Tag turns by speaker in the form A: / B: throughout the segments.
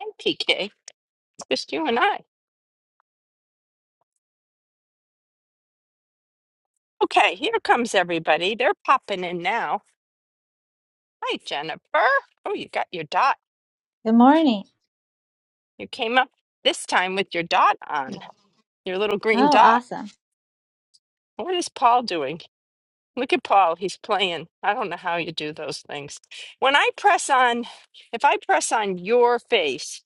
A: Hey, PK. Just you and I. Okay, here comes everybody. They're popping in now. Hi, Jennifer. Oh, you got your dot.
B: Good morning.
A: You came up this time with your dot on, your little green
B: Oh,
A: dot.
B: awesome.
A: What is Paul doing? Look at Paul. He's playing. I don't know how you do those things. When I press on, if I press on your face,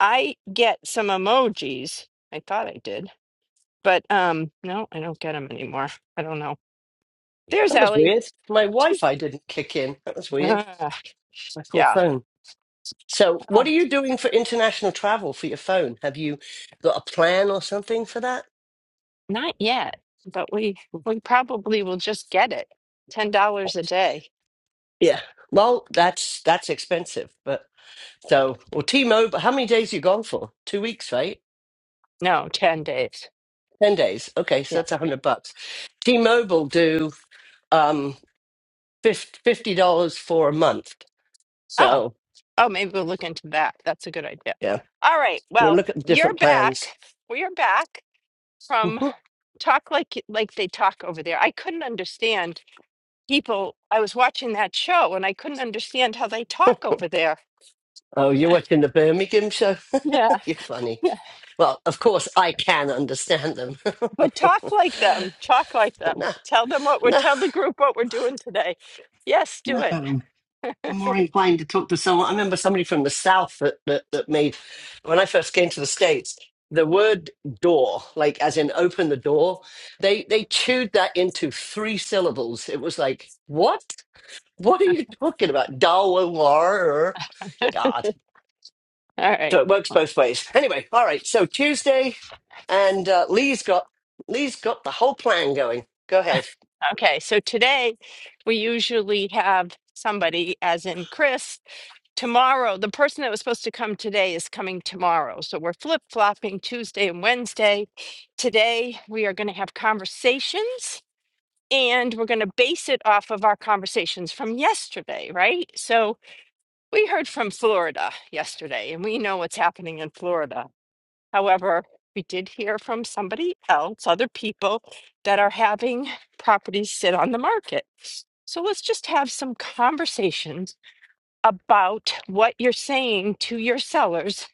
A: I get some emojis. I thought I did, but um, no, I don't get them anymore. I don't know. There's
C: That was
A: Ellie.
C: weird. My Wi-Fi didn't kick in. That was weird.
A: Ah,
C: My poor
A: yeah.
C: phone. So, what are you doing for international travel for your phone? Have you got a plan or something for that?
A: Not yet, but we we probably will just get it. Ten dollars a day.
C: Yeah. Well, that's that's expensive, but so or T-Mobile. How many days you gone for? Two weeks, right?
A: No, ten days.
C: Ten days. Okay, so
A: Yeah.
C: that's a hundred bucks. T-Mobile do um fif- fifty dollars for a month.
A: Oh,
C: So
A: oh, maybe we'll look into that. That's a good idea.
C: yeah,
A: All right.
C: you know,
A: Well,
C: look at the
A: you're
C: different
A: back.
C: plans.
A: We are back from
C: Mhm.
A: talk like like they talk over there. I couldn't understand people. I was watching that show and I couldn't understand how they talk over there.
C: Oh, you're watching the Birmingham show.
A: Yeah.
C: You're funny.
A: Yeah.
C: Well, of course, I can understand them.
A: But talk like them. Talk like them.
C: no,
A: Tell them what we're
C: no,
A: tell the group what we're doing today. Yes,
C: no.
A: do it.
C: I'm more inclined to talk to someone. I remember somebody from the South that, that, that made, when I first came to the States, the word door, like as in open the door, they, they chewed that into three syllables. It was like, what? What are you talking about? Dawa war. God.
A: All
C: So
A: right.
C: it works both ways. Anyway, all right. So Tuesday, and uh, Lee's got Lee's got the whole plan going. Go ahead.
A: Okay, so today we usually have somebody, as in Chris. Tomorrow, the person that was supposed to come today is coming tomorrow. So we're flip flopping Tuesday and Wednesday. Today, we are going to have conversations and we're going to base it off of our conversations from yesterday, right? So we heard from Florida yesterday and we know what's happening in Florida. However, we did hear from somebody else, other people that are having properties sit on the market. So let's just have some conversations about what you're saying to your sellers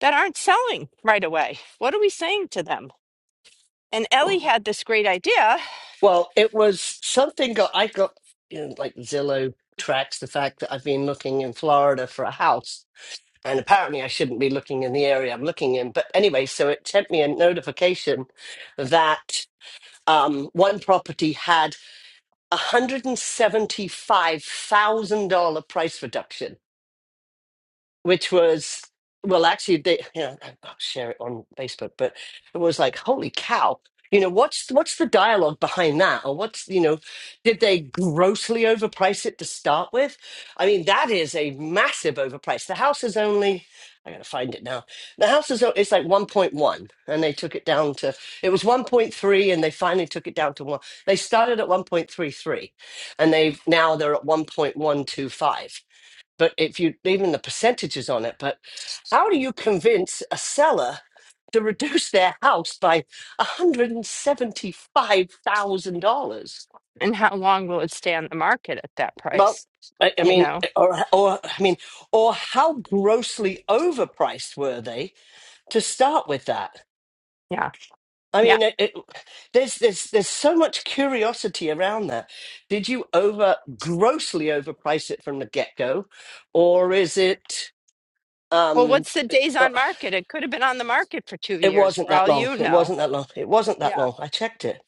A: that aren't selling right away. What are we saying to them? And Ellie had this great idea.
C: Well, it was something go- I got, you know, like Zillow tracks the fact that I've been looking in Florida for a house, and apparently I shouldn't be looking in the area I'm looking in. But anyway, so it sent me a notification that um, one property had a $175,000 price reduction which was well actually they yeah, I'll share it on Facebook, but it was like, holy cow. You know, what's what's the dialogue behind that? Or what's you know, did they grossly overprice it to start with? I mean, that is a massive overprice. The house is only I gotta find it now. The house is o- it's like 1.1 and they took it down to it was 1.3 and they finally took it down to one. They started at 1.33 and they've now they're at 1.125 but if you even the percentages on it, but how do you convince a seller to reduce their house by $175,000?
A: And how long will it stay on the market at that
C: Well,
A: price?
C: I, I
A: You
C: mean,
A: know?
C: or, or, I mean, or how grossly overpriced were they to start with that?
A: Yeah.
C: I
A: Yeah.
C: mean, it, it- there's, there's, there's so much curiosity around that. Did you over grossly overprice it from the get go? Or is it,
A: Well,
C: um,
A: what's the days on market? It could have been on the market for two
C: It
A: years
C: wasn't
A: for
C: that
A: all
C: long.
A: you
C: It
A: know.
C: wasn't that long. It wasn't that
A: Yeah.
C: long. I checked it.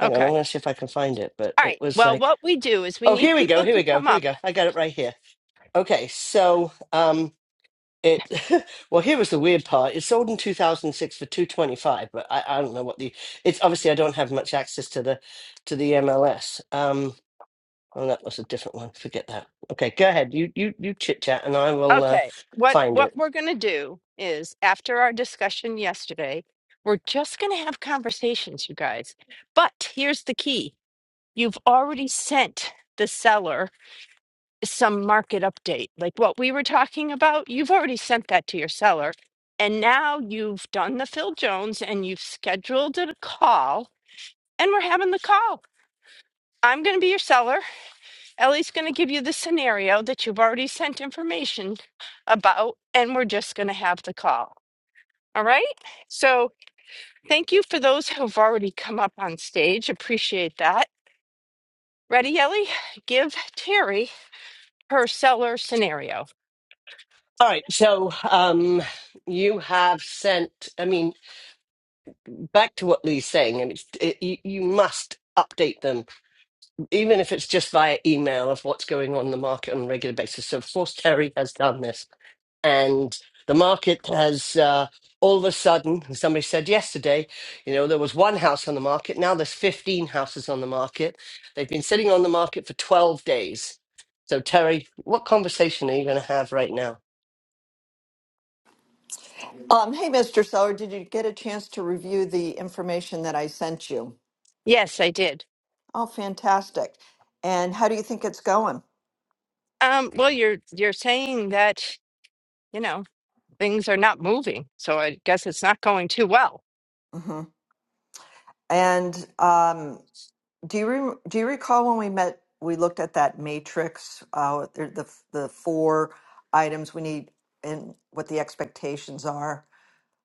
C: Hang on,
A: Okay.
C: I'm going to see if I can find it. But
A: All
C: it
A: right.
C: was
A: Well,
C: like,
A: what we do is we
C: oh,
A: need
C: here we go.
A: people
C: Here
A: to
C: we go.
A: come
C: Here we
A: up.
C: go. I got it right here. Okay, so um, it. well, here was the weird part. It sold in 2006 for 225, but I, I don't know what the. It's obviously I don't have much access to the to the MLS. Um, oh, that was a different one. Forget that. Okay, go ahead. You you you chit chat, and I will uh,
A: Okay. What
C: find
A: what
C: it.
A: we're going to do is after our discussion yesterday, we're just going to have conversations, you guys. But here's the key. You've already sent the seller some market update. Like what we were talking about, you've already sent that to your seller. And now you've done the Phil Jones and you've scheduled a call and we're having the call. I'm going to be your seller. Ellie's going to give you the scenario that you've already sent information about, and we're just going to have the call. All right. So thank you for those who've already come up on stage. Appreciate that. Ready, Ellie? Give Terry her seller scenario.
C: All right. So um, you have sent. I mean. back to what Lee's saying, and it's, it, you, you must update them, even if it's just via email of what's going on in the market on a regular basis. So, of course, Terry has done this, and the market has uh, all of a sudden, and somebody said yesterday, you know, there was one house on the market, now there's 15 houses on the market. They've been sitting on the market for 12 days. So, Terry, what conversation are you going to have right now?
D: Um, hey, Mr. Seller, did you get a chance to review the information that I sent you?
A: Yes, I did.
D: Oh, fantastic. And how do you think it's going?
A: Um, well, you're you're saying that you know things are not moving, so I guess it's not going too well.
D: hmm And um, do you re- do you recall when we met, we looked at that matrix, uh, the, the the four items we need and what the expectations are?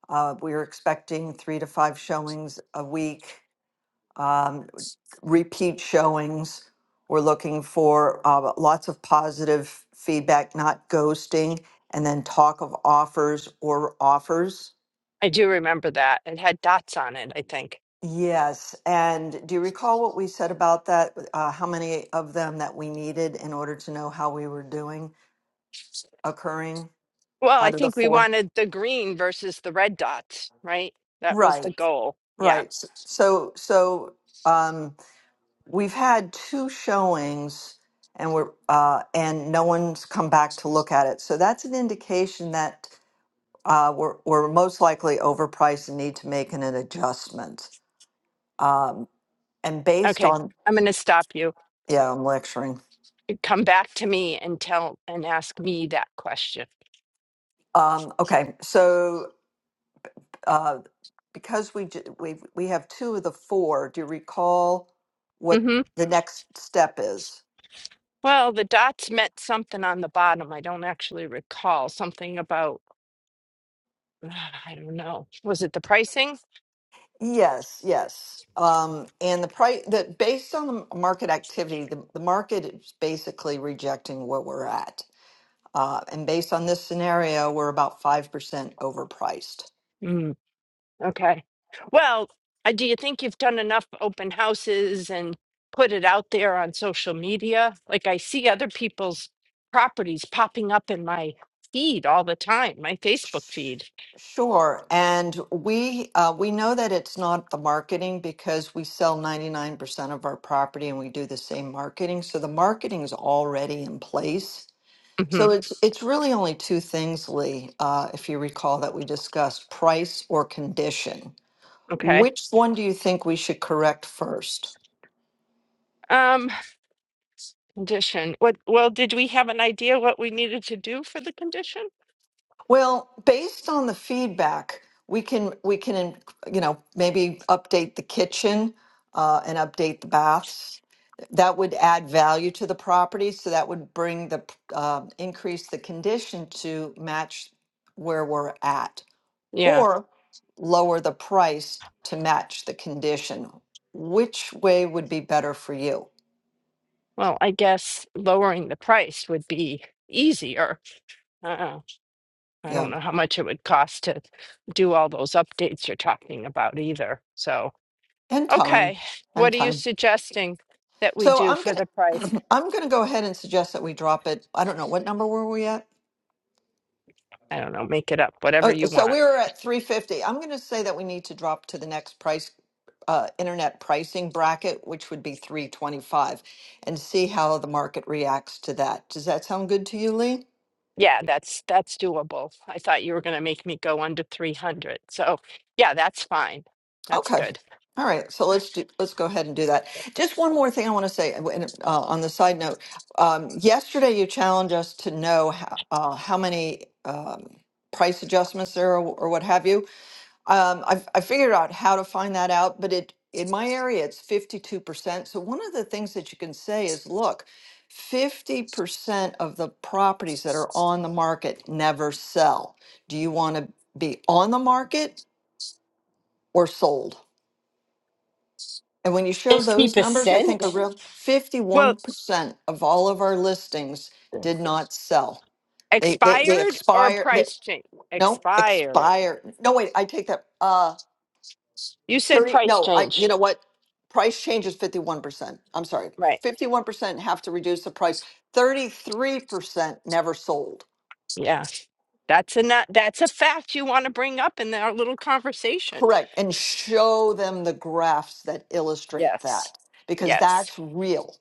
D: Uh, we were expecting three to five showings a week. Um, repeat showings. We're looking for uh, lots of positive feedback, not ghosting, and then talk of offers or offers.
A: I do remember that. It had dots on it, I think.
D: Yes. And do you recall what we said about that? Uh, how many of them that we needed in order to know how we were doing occurring
A: Well, I
D: out of the
A: think we
D: four?
A: wanted the green versus the red dots, right? That was the
D: Right.
A: goal. Yeah.
D: Right. S- So, so, um, We've had two showings and we're uh, and no one's come back to look at it. So that's an indication that uh, we're, we're most likely overpriced and need to make an, an adjustment. Um, and based
A: Okay.
D: on,
A: I'm going to stop you.
D: yeah, I'm lecturing.
A: Come back to me and tell and ask me that question.
D: Um, okay, so uh, because we, ju- we we have two of the four, do you recall what
A: hmm
D: the next step is?
A: Well, the dots meant something on the bottom. I don't actually recall something about, I don't know. Was it the pricing?
D: Yes, yes. Um, and the price that based on the market activity, the, the market is basically rejecting where we're at. Uh, and based on this scenario, we're about 5% overpriced.
A: Okay. Well, uh, do you think you've done enough open houses and put it out there on social media? Like I see other people's properties popping up in my feed all the time, my Facebook feed.
D: Sure. And we uh, we know that it's not the marketing because we sell 99% of our property and we do the same marketing. So the marketing is already in place
A: hmm
D: So it's it's really only two things, Lee, uh, if you recall that we discussed, price or condition.
A: Okay.
D: Which one do you think we should correct first?
A: Um, condition. What, well, did we have an idea what we needed to do for the condition?
D: Well, based on the feedback, we can we can you know maybe update the kitchen uh, and update the baths. That would add value to the property, so that would bring the uh, increase the condition to match where we're at.
A: Yeah.
D: or lower the price to match the condition. Which way would be better for you?
A: Well, I guess lowering the price would be easier. Uh, I
D: Yeah,
A: don't know how much it would cost to do all those updates you're talking about either. So.
D: and time,
A: Okay.
D: and
A: What are you
D: time.
A: suggesting that we
D: So
A: do
D: I'm
A: for the price?
D: gonna, I'm gonna go ahead and suggest that we drop it. I don't know what number were we at.
A: I don't know, make it up, whatever
D: Oh,
A: you
D: so
A: want.
D: we were at 350. I'm gonna say that we need to drop to the next price, uh, internet pricing bracket, which would be 325, and see how the market reacts to that. Does that sound good to you, Lee?
A: Yeah, that's that's doable. I thought you were going to make me go under 300. So, yeah, that's fine. That's
D: Okay.
A: good.
D: All right. So let's do, let's go ahead and do that. Just one more thing I want to say uh, and, uh, on the side note. Um, yesterday, you challenged us to know how, uh, how many um, price adjustments there are or what have you. Um, I've, I figured out how to find that out, but it in my area, it's 52%. So one of the things that you can say is, look, 50% of the properties that are on the market never sell. Do you want to be on the market or sold? And when you show those numbers, I think
C: 50%?
D: a real
A: Well,
D: fifty-one percent of all of our listings did not sell. They they they
A: expired or
D: expire, they,
A: price change?
D: no,
A: Expired.
D: expire. No, wait, I take that, uh,
A: You said
D: thirty,
A: price
D: no, I, you know
A: change.
D: what? Price change is fifty-one percent. I'm sorry.
A: Right.
D: Fifty-one percent have to reduce the price. Thirty-three percent never sold.
A: Yeah. That's a not, that's a fact you want to bring up in our little conversation.
D: Correct. And show them the graphs that illustrate
A: Yes.
D: that because
A: Yes.
D: that's real.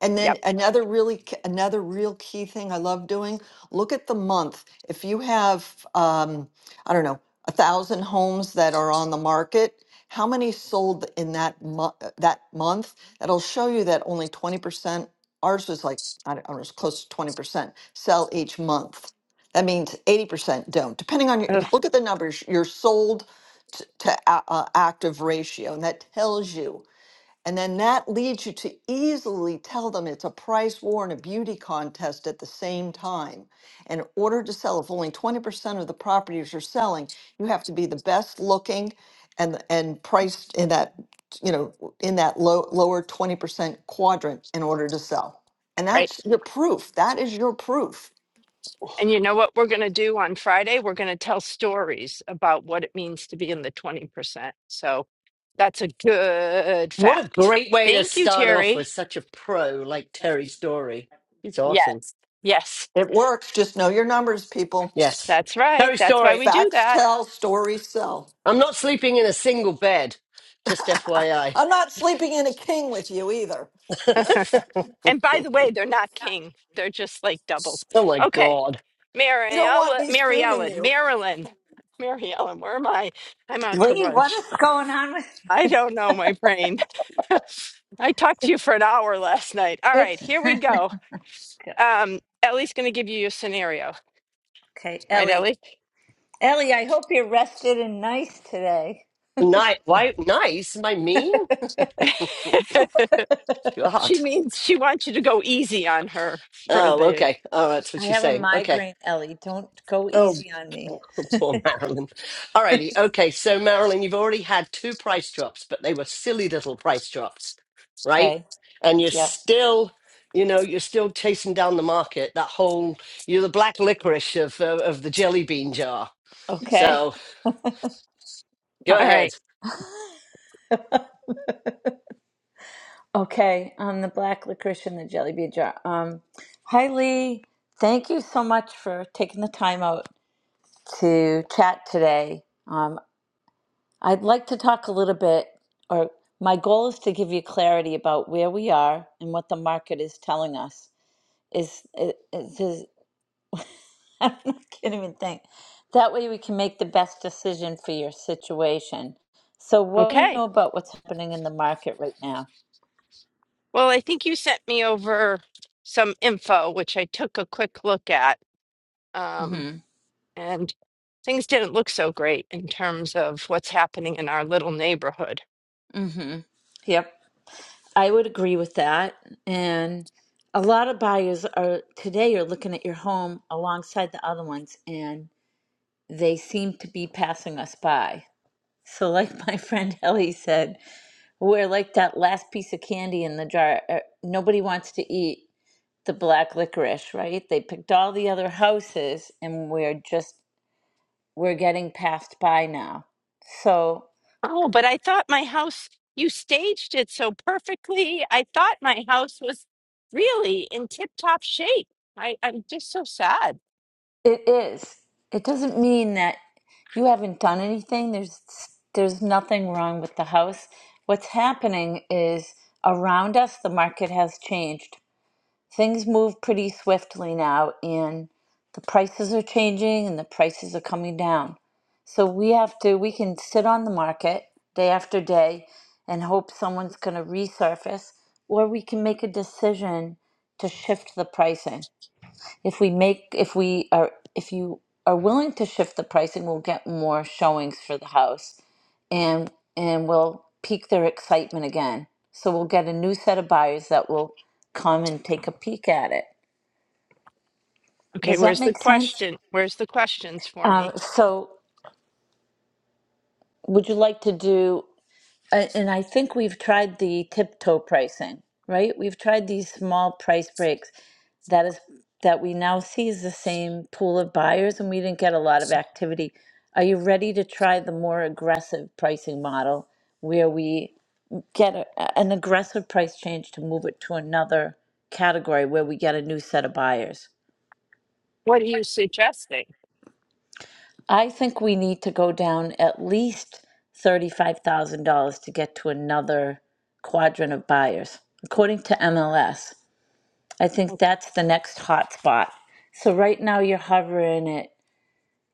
D: And then
A: Yep.
D: another really, k- another real key thing I love doing, look at the month. If you have, um, I don't know, a thousand homes that are on the market, how many sold in that month, that month? That'll show you that only 20%, ours was like, I don't know, it was close to 20% sell each month. That means 80% don't, depending on your,
A: Ugh,
D: you look at the numbers, your sold t- to a- uh, active ratio, and that tells you and then that leads you to easily tell them it's a price war and a beauty contest at the same time. And in order to sell, if only 20% of the properties you're selling, you have to be the best looking and and priced in that, you know, in that low lower 20% quadrant in order to sell. And
A: right.
D: that's your proof. That is your proof.
A: And you know what we're going to do on Friday? We're going to tell stories about what it means to be in the 20%. So that's a good
C: What a
A: fact.
C: great way to
A: Thank you,
C: start off
A: Terry.
C: with such a pro like Terry Story. He's awesome.
A: Yes. Yes.
D: It works. Just know your numbers, people.
C: Yes.
A: That's right.
C: Terry
A: That's why
C: Story,
A: we do
D: Facts
A: that.
D: tell, stories sell.
C: I'm not sleeping in a single bed. Just FYI.
D: I'm not sleeping in a king with you either.
A: And by the way, they're not king. They're just like doubles.
C: oh my
A: Okay.
C: God.
D: You
A: Mary
D: don't want
A: Ellen,
D: me
A: Mary
D: spooning
A: Ellen,
D: you.
A: Marilyn. Mary Ellen, where am I? I'm out to
E: Lee, what
A: lunch.
E: is going on with
A: I don't know my brain. I talked to you for an hour last night. All right,
E: it's
A: here we go. um, Ellie's going to give you your scenario,
E: okay,
A: right,
E: Ellie.
A: Ellie?
E: Ellie, I hope you're rested and nice today.
C: Nice. Why? Nice? Am I mean?
A: she
C: God.
A: means she wants you to go easy on her for
C: Oh,
A: the.
C: okay. Oh, that's what
E: I
C: you're
E: have a
C: saying. Okay.
E: migraine, Ellie. Don't go
C: Oh,
E: easy on me.
C: poor Marilyn. All righty. Okay. So, Marilyn, you've already had two price drops, but they were silly little price drops, right?
E: Okay.
C: And you're
E: Yep.
C: still, you know, you're still chasing down the market. That whole, you're the black licorice of, uh, of the jelly bean jar.
E: Okay.
C: So,
A: All
C: go ahead.
A: right.
E: Okay. Um the black licorice and the jelly bean jar. Um hi Lee. Thank you so much for taking the time out to chat today. Um I'd like to talk a little bit or my goal is to give you clarity about where we are and what the market is telling us is it, it's just I can't even think. That way we can make the best decision for your situation. So what do you know
A: Okay.
E: about what's happening in the market right now?
A: Well, I think you sent me over some info, which I took a quick look at. Um,
E: Mhm.
A: and things didn't look so great in terms of what's happening in our little neighborhood.
E: Mhm. Yep. I would agree with that. And a lot of buyers are today are looking at your home alongside the other ones and they seem to be passing us by. So like my friend Ellie said, we're like that last piece of candy in the jar. uh, Nobody wants to eat the black licorice, right? They picked all the other houses and we're just we're getting passed by now. So
A: Oh, but I thought my house, you staged it so perfectly. I thought my house was really in tip-top shape. I, I'm just so sad.
E: it is. It doesn't mean that you haven't done anything. There's there's nothing wrong with the house. What's happening is around us the market has changed things move pretty swiftly now and the prices are changing and the prices are coming down. So we have to we can sit on the market day after day and hope someone's going to resurface or we can make a decision to shift the pricing. If we make if we are if you are willing to shift the pricing, we'll get more showings for the house and and we'll pique their excitement again. So we'll get a new set of buyers that will come and take a peek at it.
A: Okay,
E: Does that
A: where's the
E: make sense?
A: question? Where's the questions for
E: Um,
A: me?
E: so, would you like to do? a- And I think we've tried the tiptoe pricing, right? We've tried these small price breaks that is that we now see is the same pool of buyers, and we didn't get a lot of activity. Are you ready to try the more aggressive pricing model, where we get a, an aggressive price change to move it to another category where we get a new set of buyers?
A: What are you suggesting?
E: I think we need to go down at least $35,000 to get to another quadrant of buyers, according to MLS. I think
A: Okay.
E: that's the next hot spot. So right now you're hovering at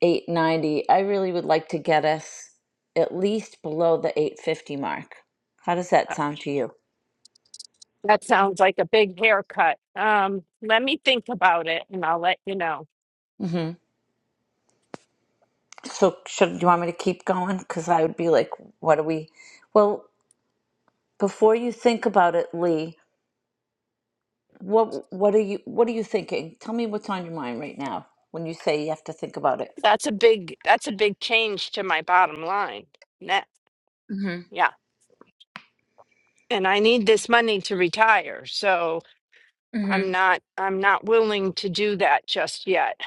E: 890. I really would like to get us at least below the 850 mark. How does that
A: uh,
E: sound to you?
A: That sounds like a big haircut. Um, let me think about it and I'll let you know.
E: hmm So should you want me to keep going? Because I would be like, what do we? Well, before you think about it, Lee, What what are you what are you thinking? Tell me what's on your mind right now when you say you have to think about it.
A: That's a big that's a big change to my bottom line. Net.
E: hmm
A: Yeah. And I need this money to retire. so.
E: hmm
A: I'm not I'm not willing to do that just yet.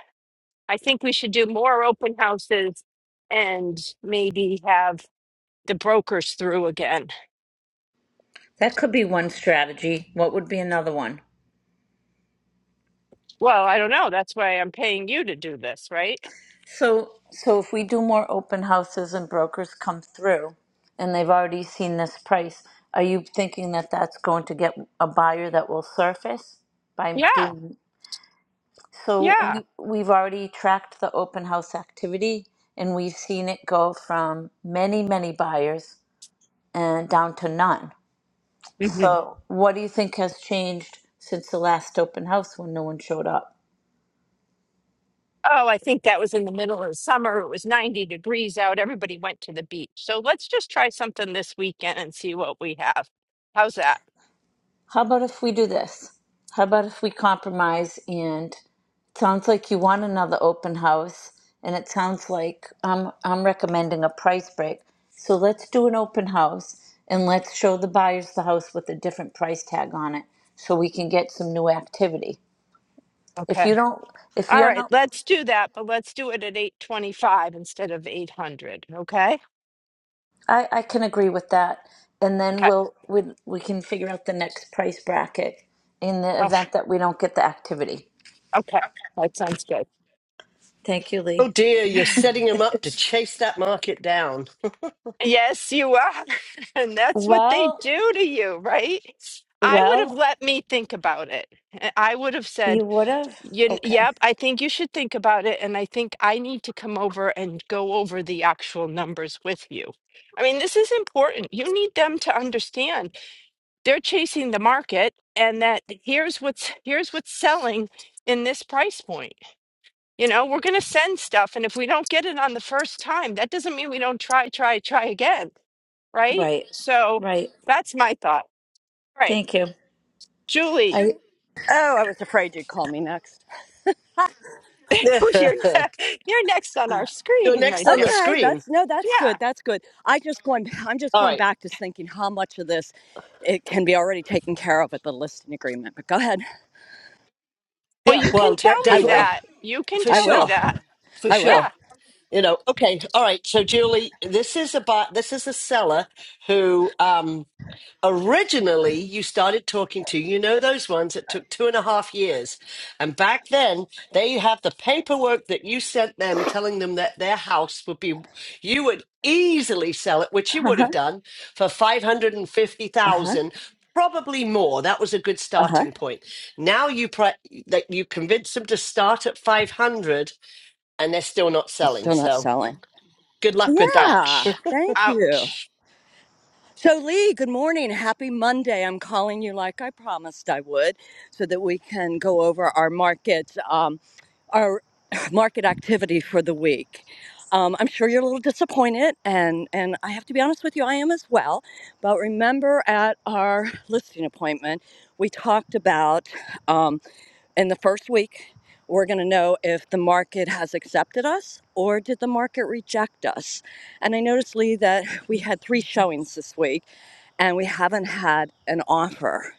A: I think we should do more open houses and maybe have the brokers through again.
E: That could be one strategy. What would be another one?
A: Well, I don't know. That's why I'm paying you to do this, right?
E: So so if we do more open houses and brokers come through and they've already seen this price, are you thinking that that's going to get a buyer that will surface by
A: Yeah.
E: doing so
A: Yeah.
E: we, we've already tracked the open house activity and we've seen it go from many many buyers and down to none
A: hmm
E: So, what do you think has changed since the last open house when no one showed up?
A: Oh, I think that was in the middle of summer. It was 90 degrees out. Everybody went to the beach. So let's just try something this weekend and see what we have. How's that?
E: How about if we do this? How about if we compromise and it sounds like you want another open house and it sounds like I'm I'm recommending a price break. So let's do an open house and let's show the buyers the house with a different price tag on it so we can get some new activity. If you
A: Okay.
E: don't if
A: All
E: you're
A: right,
E: not
A: let's do that, but let's do it at 825 instead of 800, okay?
E: I, I can agree with that. And then
A: Okay.
E: we'll we, we can figure out the next price bracket in the
A: Oh,
E: event that we don't get the activity.
A: okay. That sounds good.
E: Thank you,
C: Oh,
E: Lee.
C: dear. You're setting him up to chase that market down.
A: Yes, you are. And that's what they
E: Well,
A: do to you, right? I would have
E: well,
A: let me think about it. Uh, I would have
E: you
A: said,
E: would have.
A: "You-
E: Okay.
A: yep, I think you should think about it. And I think I need to come over and go over the actual numbers with you. I mean, this is important. You need them to understand they're chasing the market and that here's what's here's what's selling in this price point. You know, we're going to send stuff. And if we don't get it on the first time, that doesn't mean we don't try, try, try again. Right.
E: Right.
A: So
E: Right.
A: that's my thought. All right.
E: Thank you.
A: Julie,
E: I
F: Oh, I was afraid you'd call me next.
A: you're,
C: you're
A: ne- you're next on our screen, my
C: next on the
A: dear.
F: Okay,
C: screen.
F: that's no, that's good.
A: Yeah.
F: That's good. I just going. I'm just
C: All
F: going
C: right.
F: back to thinking how much of this it can be already taken care of at the listing agreement. But go ahead.
A: Well,
C: Yeah.
A: you can
C: Well, de-
A: tell
F: I
A: me
F: will.
C: definitely.
A: that. You can
C: For
F: I
A: tell me
F: will.
C: sure.
A: that.
C: For
F: I will.
C: sure.
A: Yeah.
C: You know, okay, all right. So, Julie, this is about this is a seller who um, originally you started talking to. You know those ones that took two and a half years, and back then they have the paperwork that you sent them, telling them that their house would be you would easily sell it, which you
F: Uh
C: would
F: huh.
C: have done for five hundred and fifty
F: Uh huh.
C: thousand. Probably more. That was a good
F: Uh huh.
C: starting point. Now you pri that you convince them to start at five hundred, and they're still not
F: It's
C: selling.
F: still not
C: So
F: selling.
C: good luck with that.
F: Yeah.
A: Ouch.
F: Thank you.
A: Ouch.
F: So, Lee, good morning. Happy Monday. I'm calling you like I promised I would so that we can go over our market, um, our market activity for the week. Um, I'm sure you're a little disappointed, and, and I have to be honest with you, I am as well. But remember at our listing appointment, we talked about. um, in the first week, we're going to know if the market has accepted us or did the market reject us. And I noticed, Lee, that we had three showings this week and we haven't had an offer.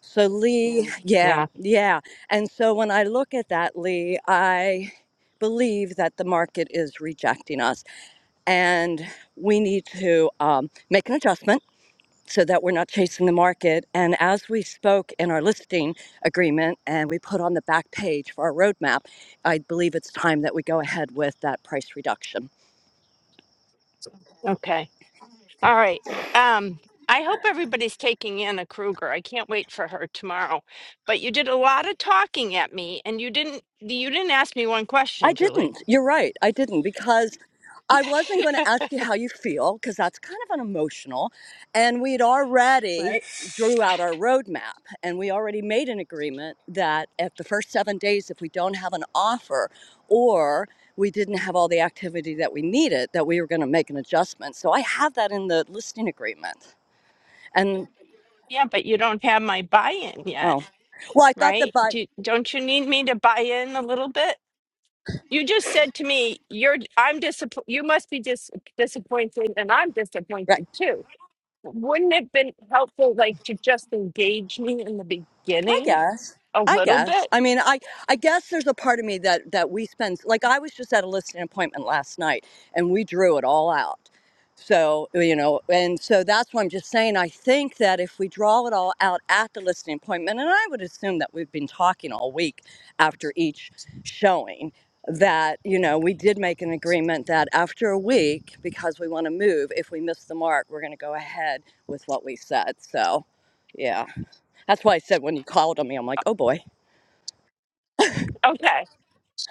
F: So, Lee, Mm. yeah,
A: Yeah.
F: yeah. And so when I look at that, Lee, I believe that the market is rejecting us and we need to um, make an adjustment so that we're not chasing the market. And as we spoke in our listing agreement and we put on the back page for our roadmap, I believe it's time that we go ahead with that price reduction.
A: Okay. All right. Um, I hope everybody's taking Anna Kruger. I can't wait for her tomorrow. But you did a lot of talking at me, and you didn't you didn't ask me one
F: I
A: question, Julie.
F: didn't. You're right. I didn't because I wasn't going to ask you how you feel because that's kind of an emotional. And we'd already
A: Right.
F: drew out our roadmap and we already made an agreement that at the first seven days, if we don't have an offer or we didn't have all the activity that we needed, that we were going to make an adjustment. So I have that in the listing agreement. And
A: Yeah, but you don't have my buy-in yet,
F: oh, well, I thought the
A: right?
F: buy,
A: Do don't you need me to buy in a little bit? You just said to me, "You're I'm disappointed. You must be dis- disappointed, and I'm
F: right.
A: disappointed too." Wouldn't it have been helpful, like, to just engage me in the
F: I
A: beginning
F: guess.
A: a
F: I
A: little
F: guess.
A: bit?
F: I mean, I I guess there's a part of me that that we spend like I was just at a listing appointment last night and we drew it all out. So, you know, and so that's why I'm just saying I think that if we draw it all out at the listing appointment and I would assume that we've been talking all week after each showing that, you know, we did make an agreement that after a week because we want to move, if we miss the mark, we're going to go ahead with what we said. So, yeah. That's why I said when you called on me, I'm like, "Oh boy."
A: Okay.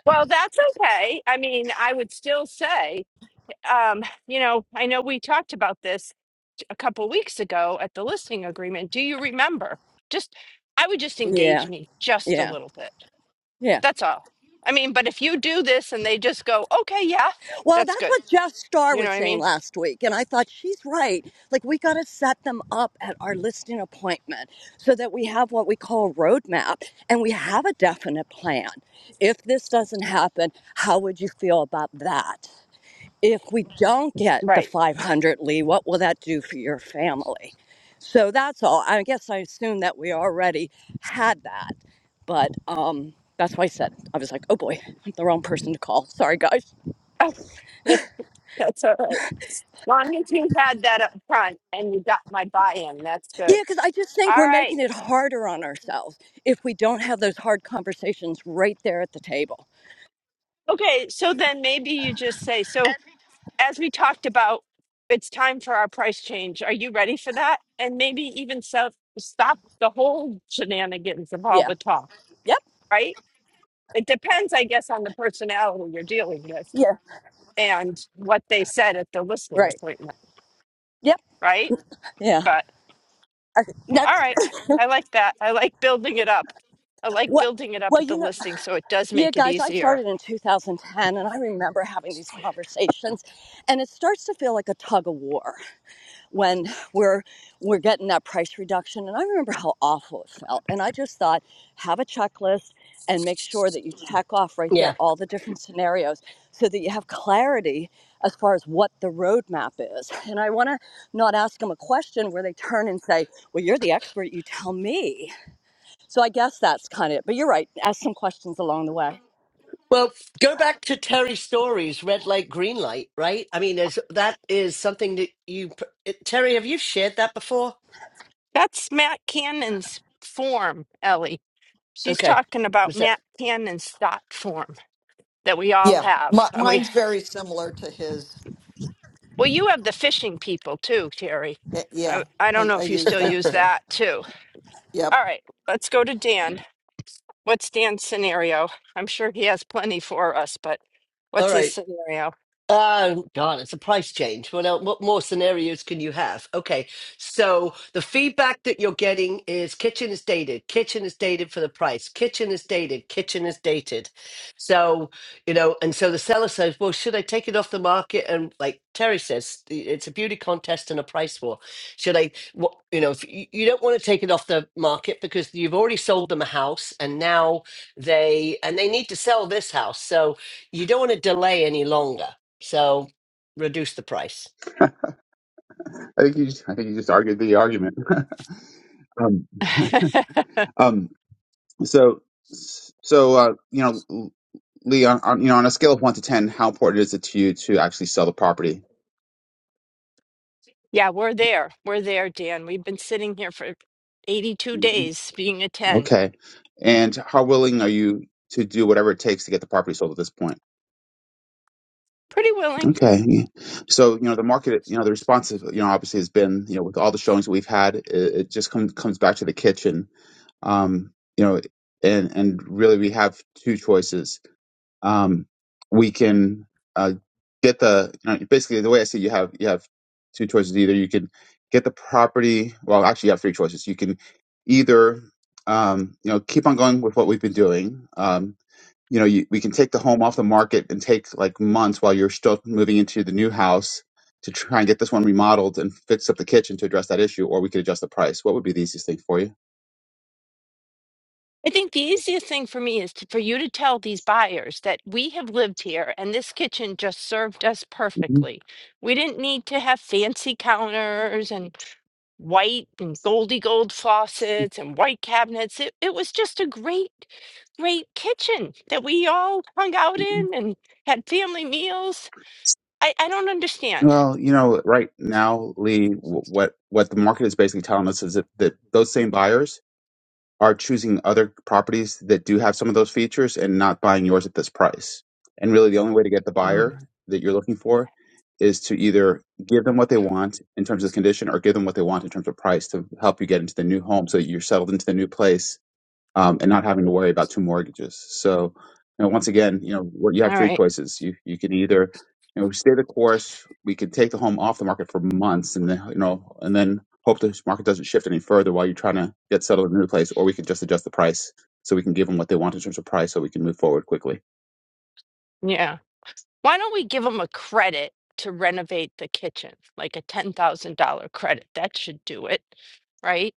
A: Well, that's okay. I mean, I would still say, um, you know, I know we talked about this t- a couple weeks ago at the listing agreement. Do you remember? Just, I would just
F: Yeah,
A: engage me just a
F: yeah,
A: little bit.
F: yeah.
A: That's all. I mean, but if you do this and they just go, okay, yeah,
F: Well,
A: that's
F: that's
A: good.
F: what Jeff Starr
A: You know
F: was
A: what I
F: saying
A: mean?
F: last week. And I thought she's right. Like, we got to set them up at our listing appointment so that we have what we call a roadmap and we have a definite plan. If this doesn't happen, how would you feel about that? if we don't get the
A: Right.
F: 500 lee what will that do for your family so that's all i guess i assume that we already had that but um that's why i said i was like oh boy i'm the wrong person to call sorry guys
A: Oh, that's all right. As long as you had that up front and you got my buy in, that's good.
F: yeah because i just think
A: All
F: we're
A: right.
F: making it harder on ourselves if we don't have those hard conversations right there at the table
A: Okay. So then maybe you just say, so as we talked about, it's time for our price change. Are you ready for that? And maybe even so, stop the whole shenanigans of all
F: yeah
A: the talk,
F: yep
A: right? It depends, I guess, on the personality you're dealing with
F: yeah
A: and what they said at the listening
F: right
A: appointment,
F: yep
A: right?
F: yeah
A: But
F: I-
A: all
F: that's
A: right, I like that. I like building it up. I like
F: what
A: building it up
F: well
A: at
F: you
A: the
F: know
A: listing so it does
F: Yeah,
A: make it
F: guys, I
A: easier.
F: started in 2010 and I remember having these conversations and it starts to feel like a tug of war when we're we're getting that price reduction and I remember how awful it felt and I just thought have a checklist and make sure that you check off right there
C: Yeah.
F: all the different scenarios so that you have clarity as far as what the roadmap is. And I want to not ask them a question where they turn and say, Well, you're the expert, you tell me. So I guess that's kind of it. But you're right, ask some questions along the way.
C: Well, go back to Terry Story's red light, green light, right? I mean, is that is something that you Terry, have you shared that before?
A: That's Matt Cannon's form, Ellie. She's
C: Okay.
A: talking about
C: Was
A: Matt Cannon's thought form that we all
D: Yeah, mi-
A: have. Uh, We
D: mine's very similar to his.
A: well, you have the fishing people too, Terry.
D: Eh, Yeah,
A: I I don't
D: I,
A: know
D: I
A: if you
D: use
A: still
D: that
A: use
C: that
D: too.
A: that too.
D: Yep.
A: All right, let's go to Dan. What's Dan's scenario? I'm sure he has plenty for us, but
C: all
A: what's his
C: right?
A: scenario?
C: Oh God, it's a price change. What else, what more scenarios can you have? Okay, so the feedback that you're getting is kitchen is dated, kitchen is dated for the price, kitchen is dated, kitchen is dated. So you know, and so the seller says, well, should I take it off the market? And like Terry says, i- it's a beauty contest and a price war. Should I? What you know, if you you don't want to take it off the market because you've already sold them a house, and now they and they need to sell this house, so you don't want to delay any longer. So reduce the price.
G: I think you just, I think you just argued the argument. um, um, so, so uh, you know, Lee, on, on, you know, on a scale of one to ten, how important is it to you to actually sell the property?
A: yeah, we're there. We're there, Dan. We've been sitting here for 82 days being a 10.
G: Okay, and how willing are you to do whatever it takes to get the property sold at this point?
A: Pretty willing.
G: Okay, so you know, the market, you know, the response, is, you know, obviously has been, you know, with all the showings we've had, it, it just comes comes back to the kitchen. Um, you know, and and really, we have two choices um, we can uh, get the you know, basically the way I see it, you have you have two choices either you can get the property well actually you have three choices you can either um, you know keep on going with what we've been doing um, you know you, we can take the home off the market and take like months while you're still moving into the new house to try and get this one remodeled and fix up the kitchen to address that issue or we could adjust the price what would be the easiest thing for
A: I think the easiest thing for me is to, for you to tell these buyers that we have lived here and this kitchen just served us
G: you
A: perfectly. We didn't need to have fancy counters and white and goldy gold faucets and white cabinets. It, it was just a great, great kitchen that we all hung out in and had family meals. I, I don't understand.
G: Well, you know, right now, Lee, wh- what what the market is basically telling us is that, that those same buyers are choosing other properties that do have some of those features and not buying yours at this price. And really, the only way to get the
A: Mm,
G: buyer that you're looking for is to either give them what they want in terms of condition or give them what they want in terms of price to help you get into the new home so that you're settled into the new place um, and not having to worry about two mortgages. So, you know, once again, you know, what- you have
A: all
G: three
A: right.
G: choices. You you can either you know stay the course. We could take the home off the market for months, and then you know, and then hope the market doesn't shift any further while you're trying to get settled in a new place, or we could just adjust the price so we can give them what they want in terms of price, so we can move forward quickly.
A: Yeah. Why don't we give them a credit to renovate the kitchen, like a $10,000 credit? That should do it, right?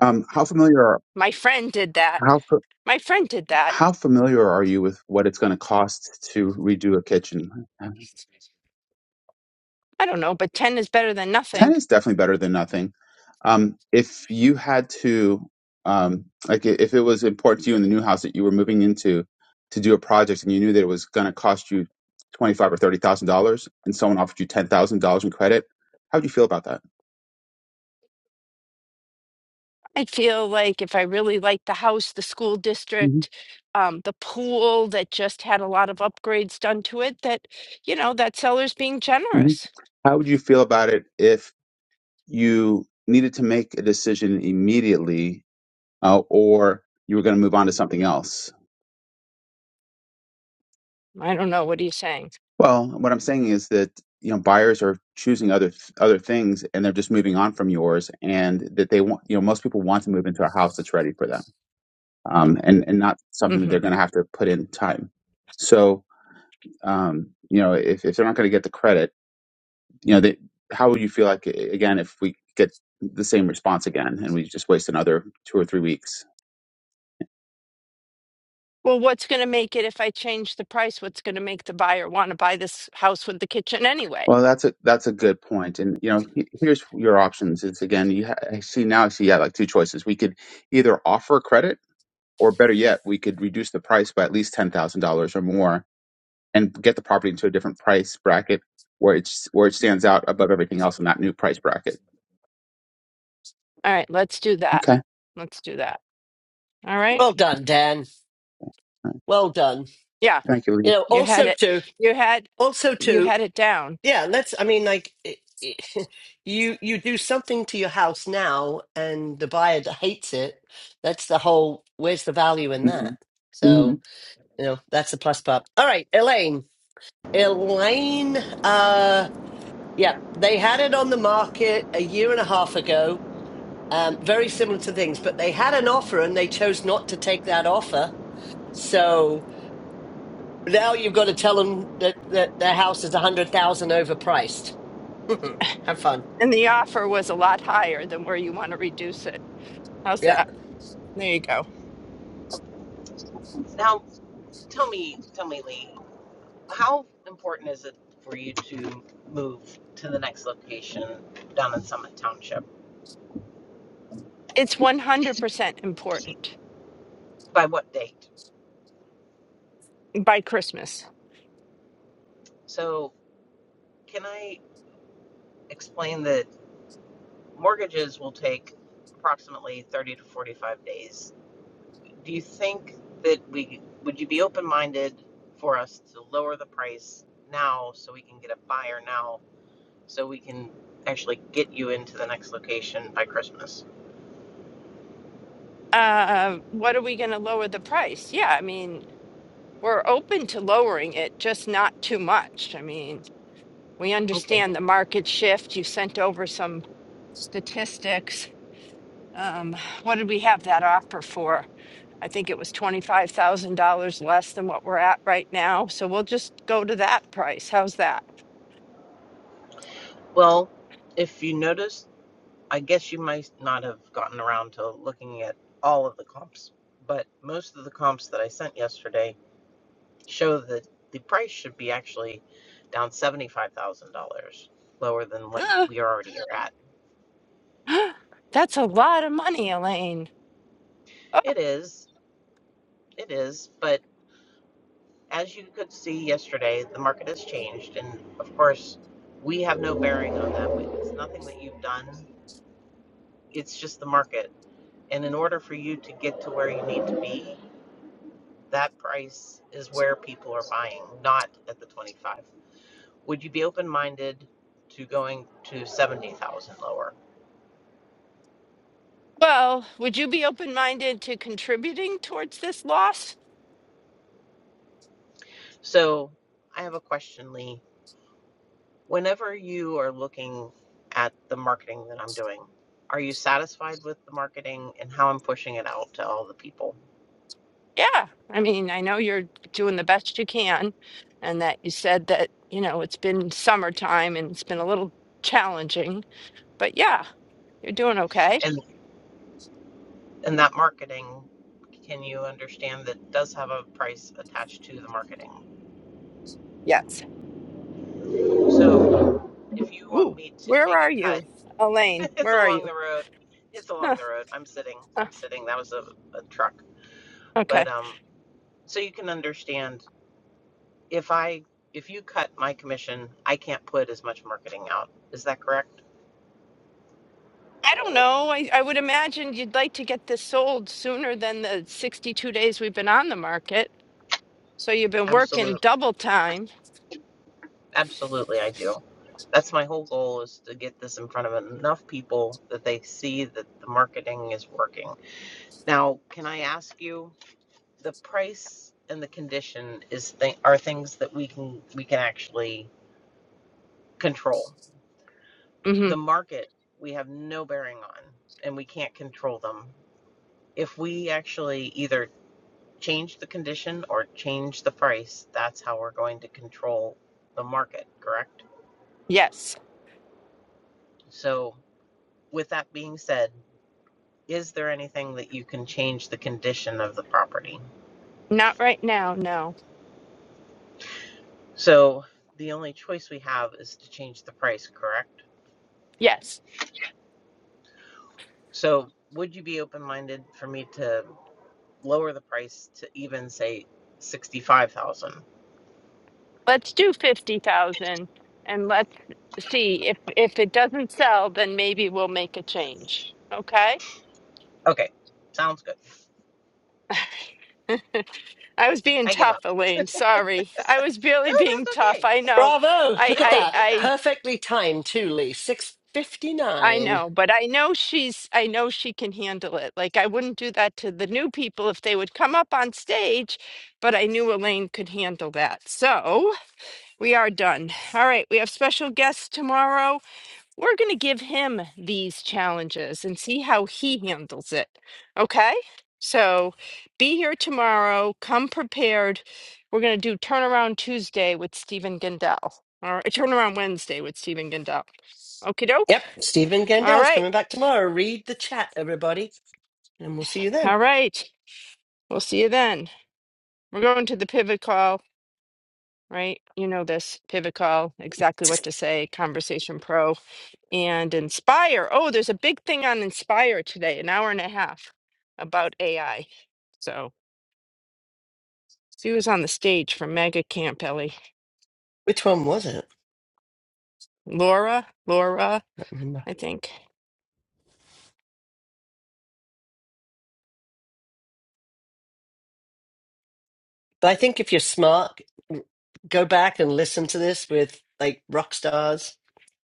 G: Um, how familiar are
A: My friend did that.
G: how fa-
A: My friend did that.
G: how familiar are you with what it's going to cost to redo a kitchen?
A: I don't know, but 10 is better than
G: 10
A: nothing.
G: is definitely better than nothing. Um, if you had to, um, like, i- if it was important to you in the new house that you were moving into to do a project and you knew that it was going to cost you twenty-five or thirty thousand dollars, and someone offered you ten thousand dollars in credit, how would you feel about that?
A: I feel like if I really like the house, the school
G: hmm
A: district, um, the pool that just had a lot of upgrades done to it, that, you know, that seller's being
G: hmm
A: generous.
G: How would you feel about it if you needed to make a decision immediately, uh, or you were going to move on to something else?
A: I don't know. What are you saying?
G: Well, what I'm saying is that you know buyers are choosing other other things, and they're just moving on from yours, and that they want you know most people want to move into a house that's ready for them, um, and and not something that
A: hmm
G: they're going to have to put in time. So um, you know if if they're not going to get the credit, you know they, how would you feel like a- again if we get the same response again and we just waste another two or three weeks?
A: Well, what's going to make it if I change the price? What's going to make the buyer want to buy this house with the kitchen anyway?
G: Well, that's a that's a good point, and you know he- here's your options. Is again you ha- I see now I see yeah like two choices. We could either offer credit or better yet, we could reduce the price by at least ten thousand dollars or more and get the property into a different price bracket where it's where it stands out above everything else in that new price bracket.
A: All right, let's do that.
G: Okay. All
A: Let's do that. All right.
C: Well done, Dan.
G: right.
C: Well done.
A: Yeah,
G: Thank
C: You
G: you,
C: know,
A: you had
C: also
A: it.
C: to
A: You had
C: also
A: you
C: to
A: had it down,
C: yeah. Let's. I mean, like it, it- you you do something to your house now, and the buyer hates it. That's the whole. Where's the value in
G: Lee.
C: that?
G: hmm
C: So you know, that's the plus part. All right, Elaine. Elaine. Uh, yeah, they had it on the market a year and a half ago. Um, very similar to things, but they had an offer and they chose not to take that offer So now you've got to tell them that, that their house is 100,000 overpriced. Have fun.
A: and the offer was a lot higher than where you want to reduce it. How's
C: Yeah.
A: that? There you go.
H: Now, tell me, tell me, Lee, how important is it for you to move to the next location down in Summit Township?
A: It's one hundred percent important
H: By what date?
A: by Christmas.
H: So, can I explain that mortgages will take approximately 30 to 45 days? Do you think that we would you be open minded for us to lower the price now so we can get a buyer now so we can actually get you into the next location by Christmas?
A: Uh, what are we going to lower the price? Yeah, I mean we're open to lowering it, just not too much. I mean we
H: Okay.
A: understand the market shift. You sent over some statistics Um, what did we have that offer for? I think it was twenty-five thousand dollars less than what we're at right now. So we'll just go to that price. How's that?
H: Well, if you noticed, I guess you might not have gotten around to looking at all of the comps, but most of the comps that I sent yesterday show that the price should be actually down $75,000 lower than what
A: Uh,
H: we already are at.
A: that's a lot of money, Elaine. Oh,
H: It is, it is, but as you could see yesterday, the market has changed. And of course, we have no bearing on that. It's nothing that you've done, it's just the market. And in order for you to get to where you need to be, that price is where people are buying, not at the 25. Would you be open-minded to going to 70,000 lower?
A: well, would you be open-minded to contributing towards this loss?
H: So I have a question, Lee. Whenever you are looking at the marketing that I'm doing, are you satisfied with the marketing and how I'm pushing it out to all the people?
A: Yeah. I mean, I know you're doing the best you can and that you said that, you know, it's been summertime and it's been a little challenging, but yeah, you're doing okay.
H: And and that marketing, can you understand that does have a price attached to the marketing?
A: Yes.
H: So if you want
A: Ooh,
H: me to
A: where
H: take
A: are
H: a cut
A: you, Elaine?
H: It's
A: Where are
H: along
A: you?
H: the road. It's along
A: Huh,
H: the road. I'm sitting.
A: huh,
H: I'm sitting. That was a, a truck.
A: okay.
H: But um so you can understand if I if you cut my commission, I can't put as much marketing out. Is that correct?
A: I don't know. I, I would imagine you'd like to get this sold sooner than the 62 days we've been on the market. So you've been working
H: Absolutely.
A: double time.
H: Absolutely I do. That's my whole goal is to get this in front of enough people that they see that the marketing is working. Now, can I ask you the price and the condition is th- are things that we can we can actually control
A: hmm
H: the market we have no bearing on and we can't control them. If we actually either change the condition or change the price, that's how we're going to control the market, correct?
A: Yes.
H: So, with that being said, is there anything that you can change the condition of the property?
A: Not right now, no.
H: So, the only choice we have is to change the price, correct?
A: Yes.
H: So, would you be open minded for me to lower the price to even say 65,000?
A: Let's do 50,000 and let's see if if it doesn't sell, then maybe we'll make a change. Okay?
H: Okay, sounds good.
A: I was being
H: I give
A: tough,
H: up.
A: Elaine. Sorry. I was
H: no,
A: really being
H: that's
A: tough.
H: okay.
A: I know.
C: Bravo.
A: I
C: Look
H: No,
C: at
A: I
H: I
C: that.
H: get that.
A: I
C: Perfectly timed too, Lee.
A: I
C: 659.
A: know, but I know she's, I know she can handle it. Like, I wouldn't do that to the new people if they would come up on stage, but I knew Elaine could handle that. So we are done. All right, we have special guests tomorrow. We're going to give him these challenges and see how he handles it. Okay? So be here tomorrow. Come prepared. We're going to do Turnaround Tuesday with Stephen Gendel, or Turnaround Wednesday with Stephen Gendel. Okie doke.
C: Yep. Stephen
A: All
C: Gandell's
A: right.
C: coming back tomorrow. Read the chat, everybody. And we'll see you then.
A: All right. We'll see you then. We're going to the pivot call, right? You know this pivot call, exactly what to say, Conversation Pro and Inspire. Oh, there's a big thing on Inspire today, an hour and a half about AI. So she was on the stage from Mega Camp, Ellie.
C: Which one was it?
A: Laura, Laura,
C: I don't remember.
A: I think.
C: But I think if you're smart, go back and listen to this with like rock stars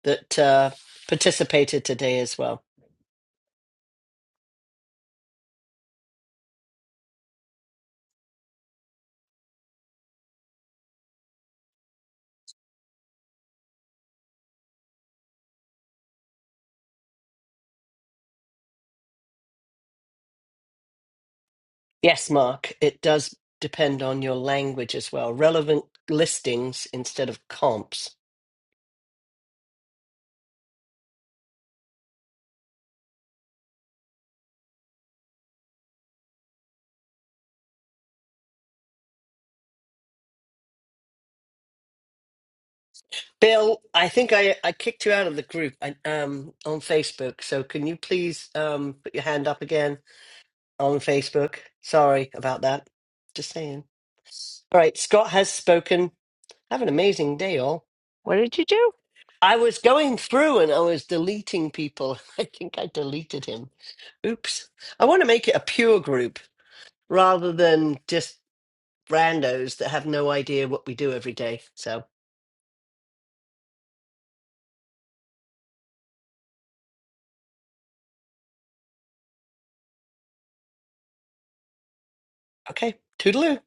C: that uh, participated today as well. Yes, Mark, it does depend on your language as well. Relevant listings instead of comps. Bill, I think I, I kicked you out of the group I, um, on Facebook. So can you please um, put your hand up again on Facebook? Sorry about that. Just saying. All right, Scott has spoken. Have an amazing day, all.
A: What did you do?
C: I was going through and I was deleting people. I think I deleted him. Oops. I want to make it a pure group rather than just randos that have no idea what we do every day. So, okay, toodaloo.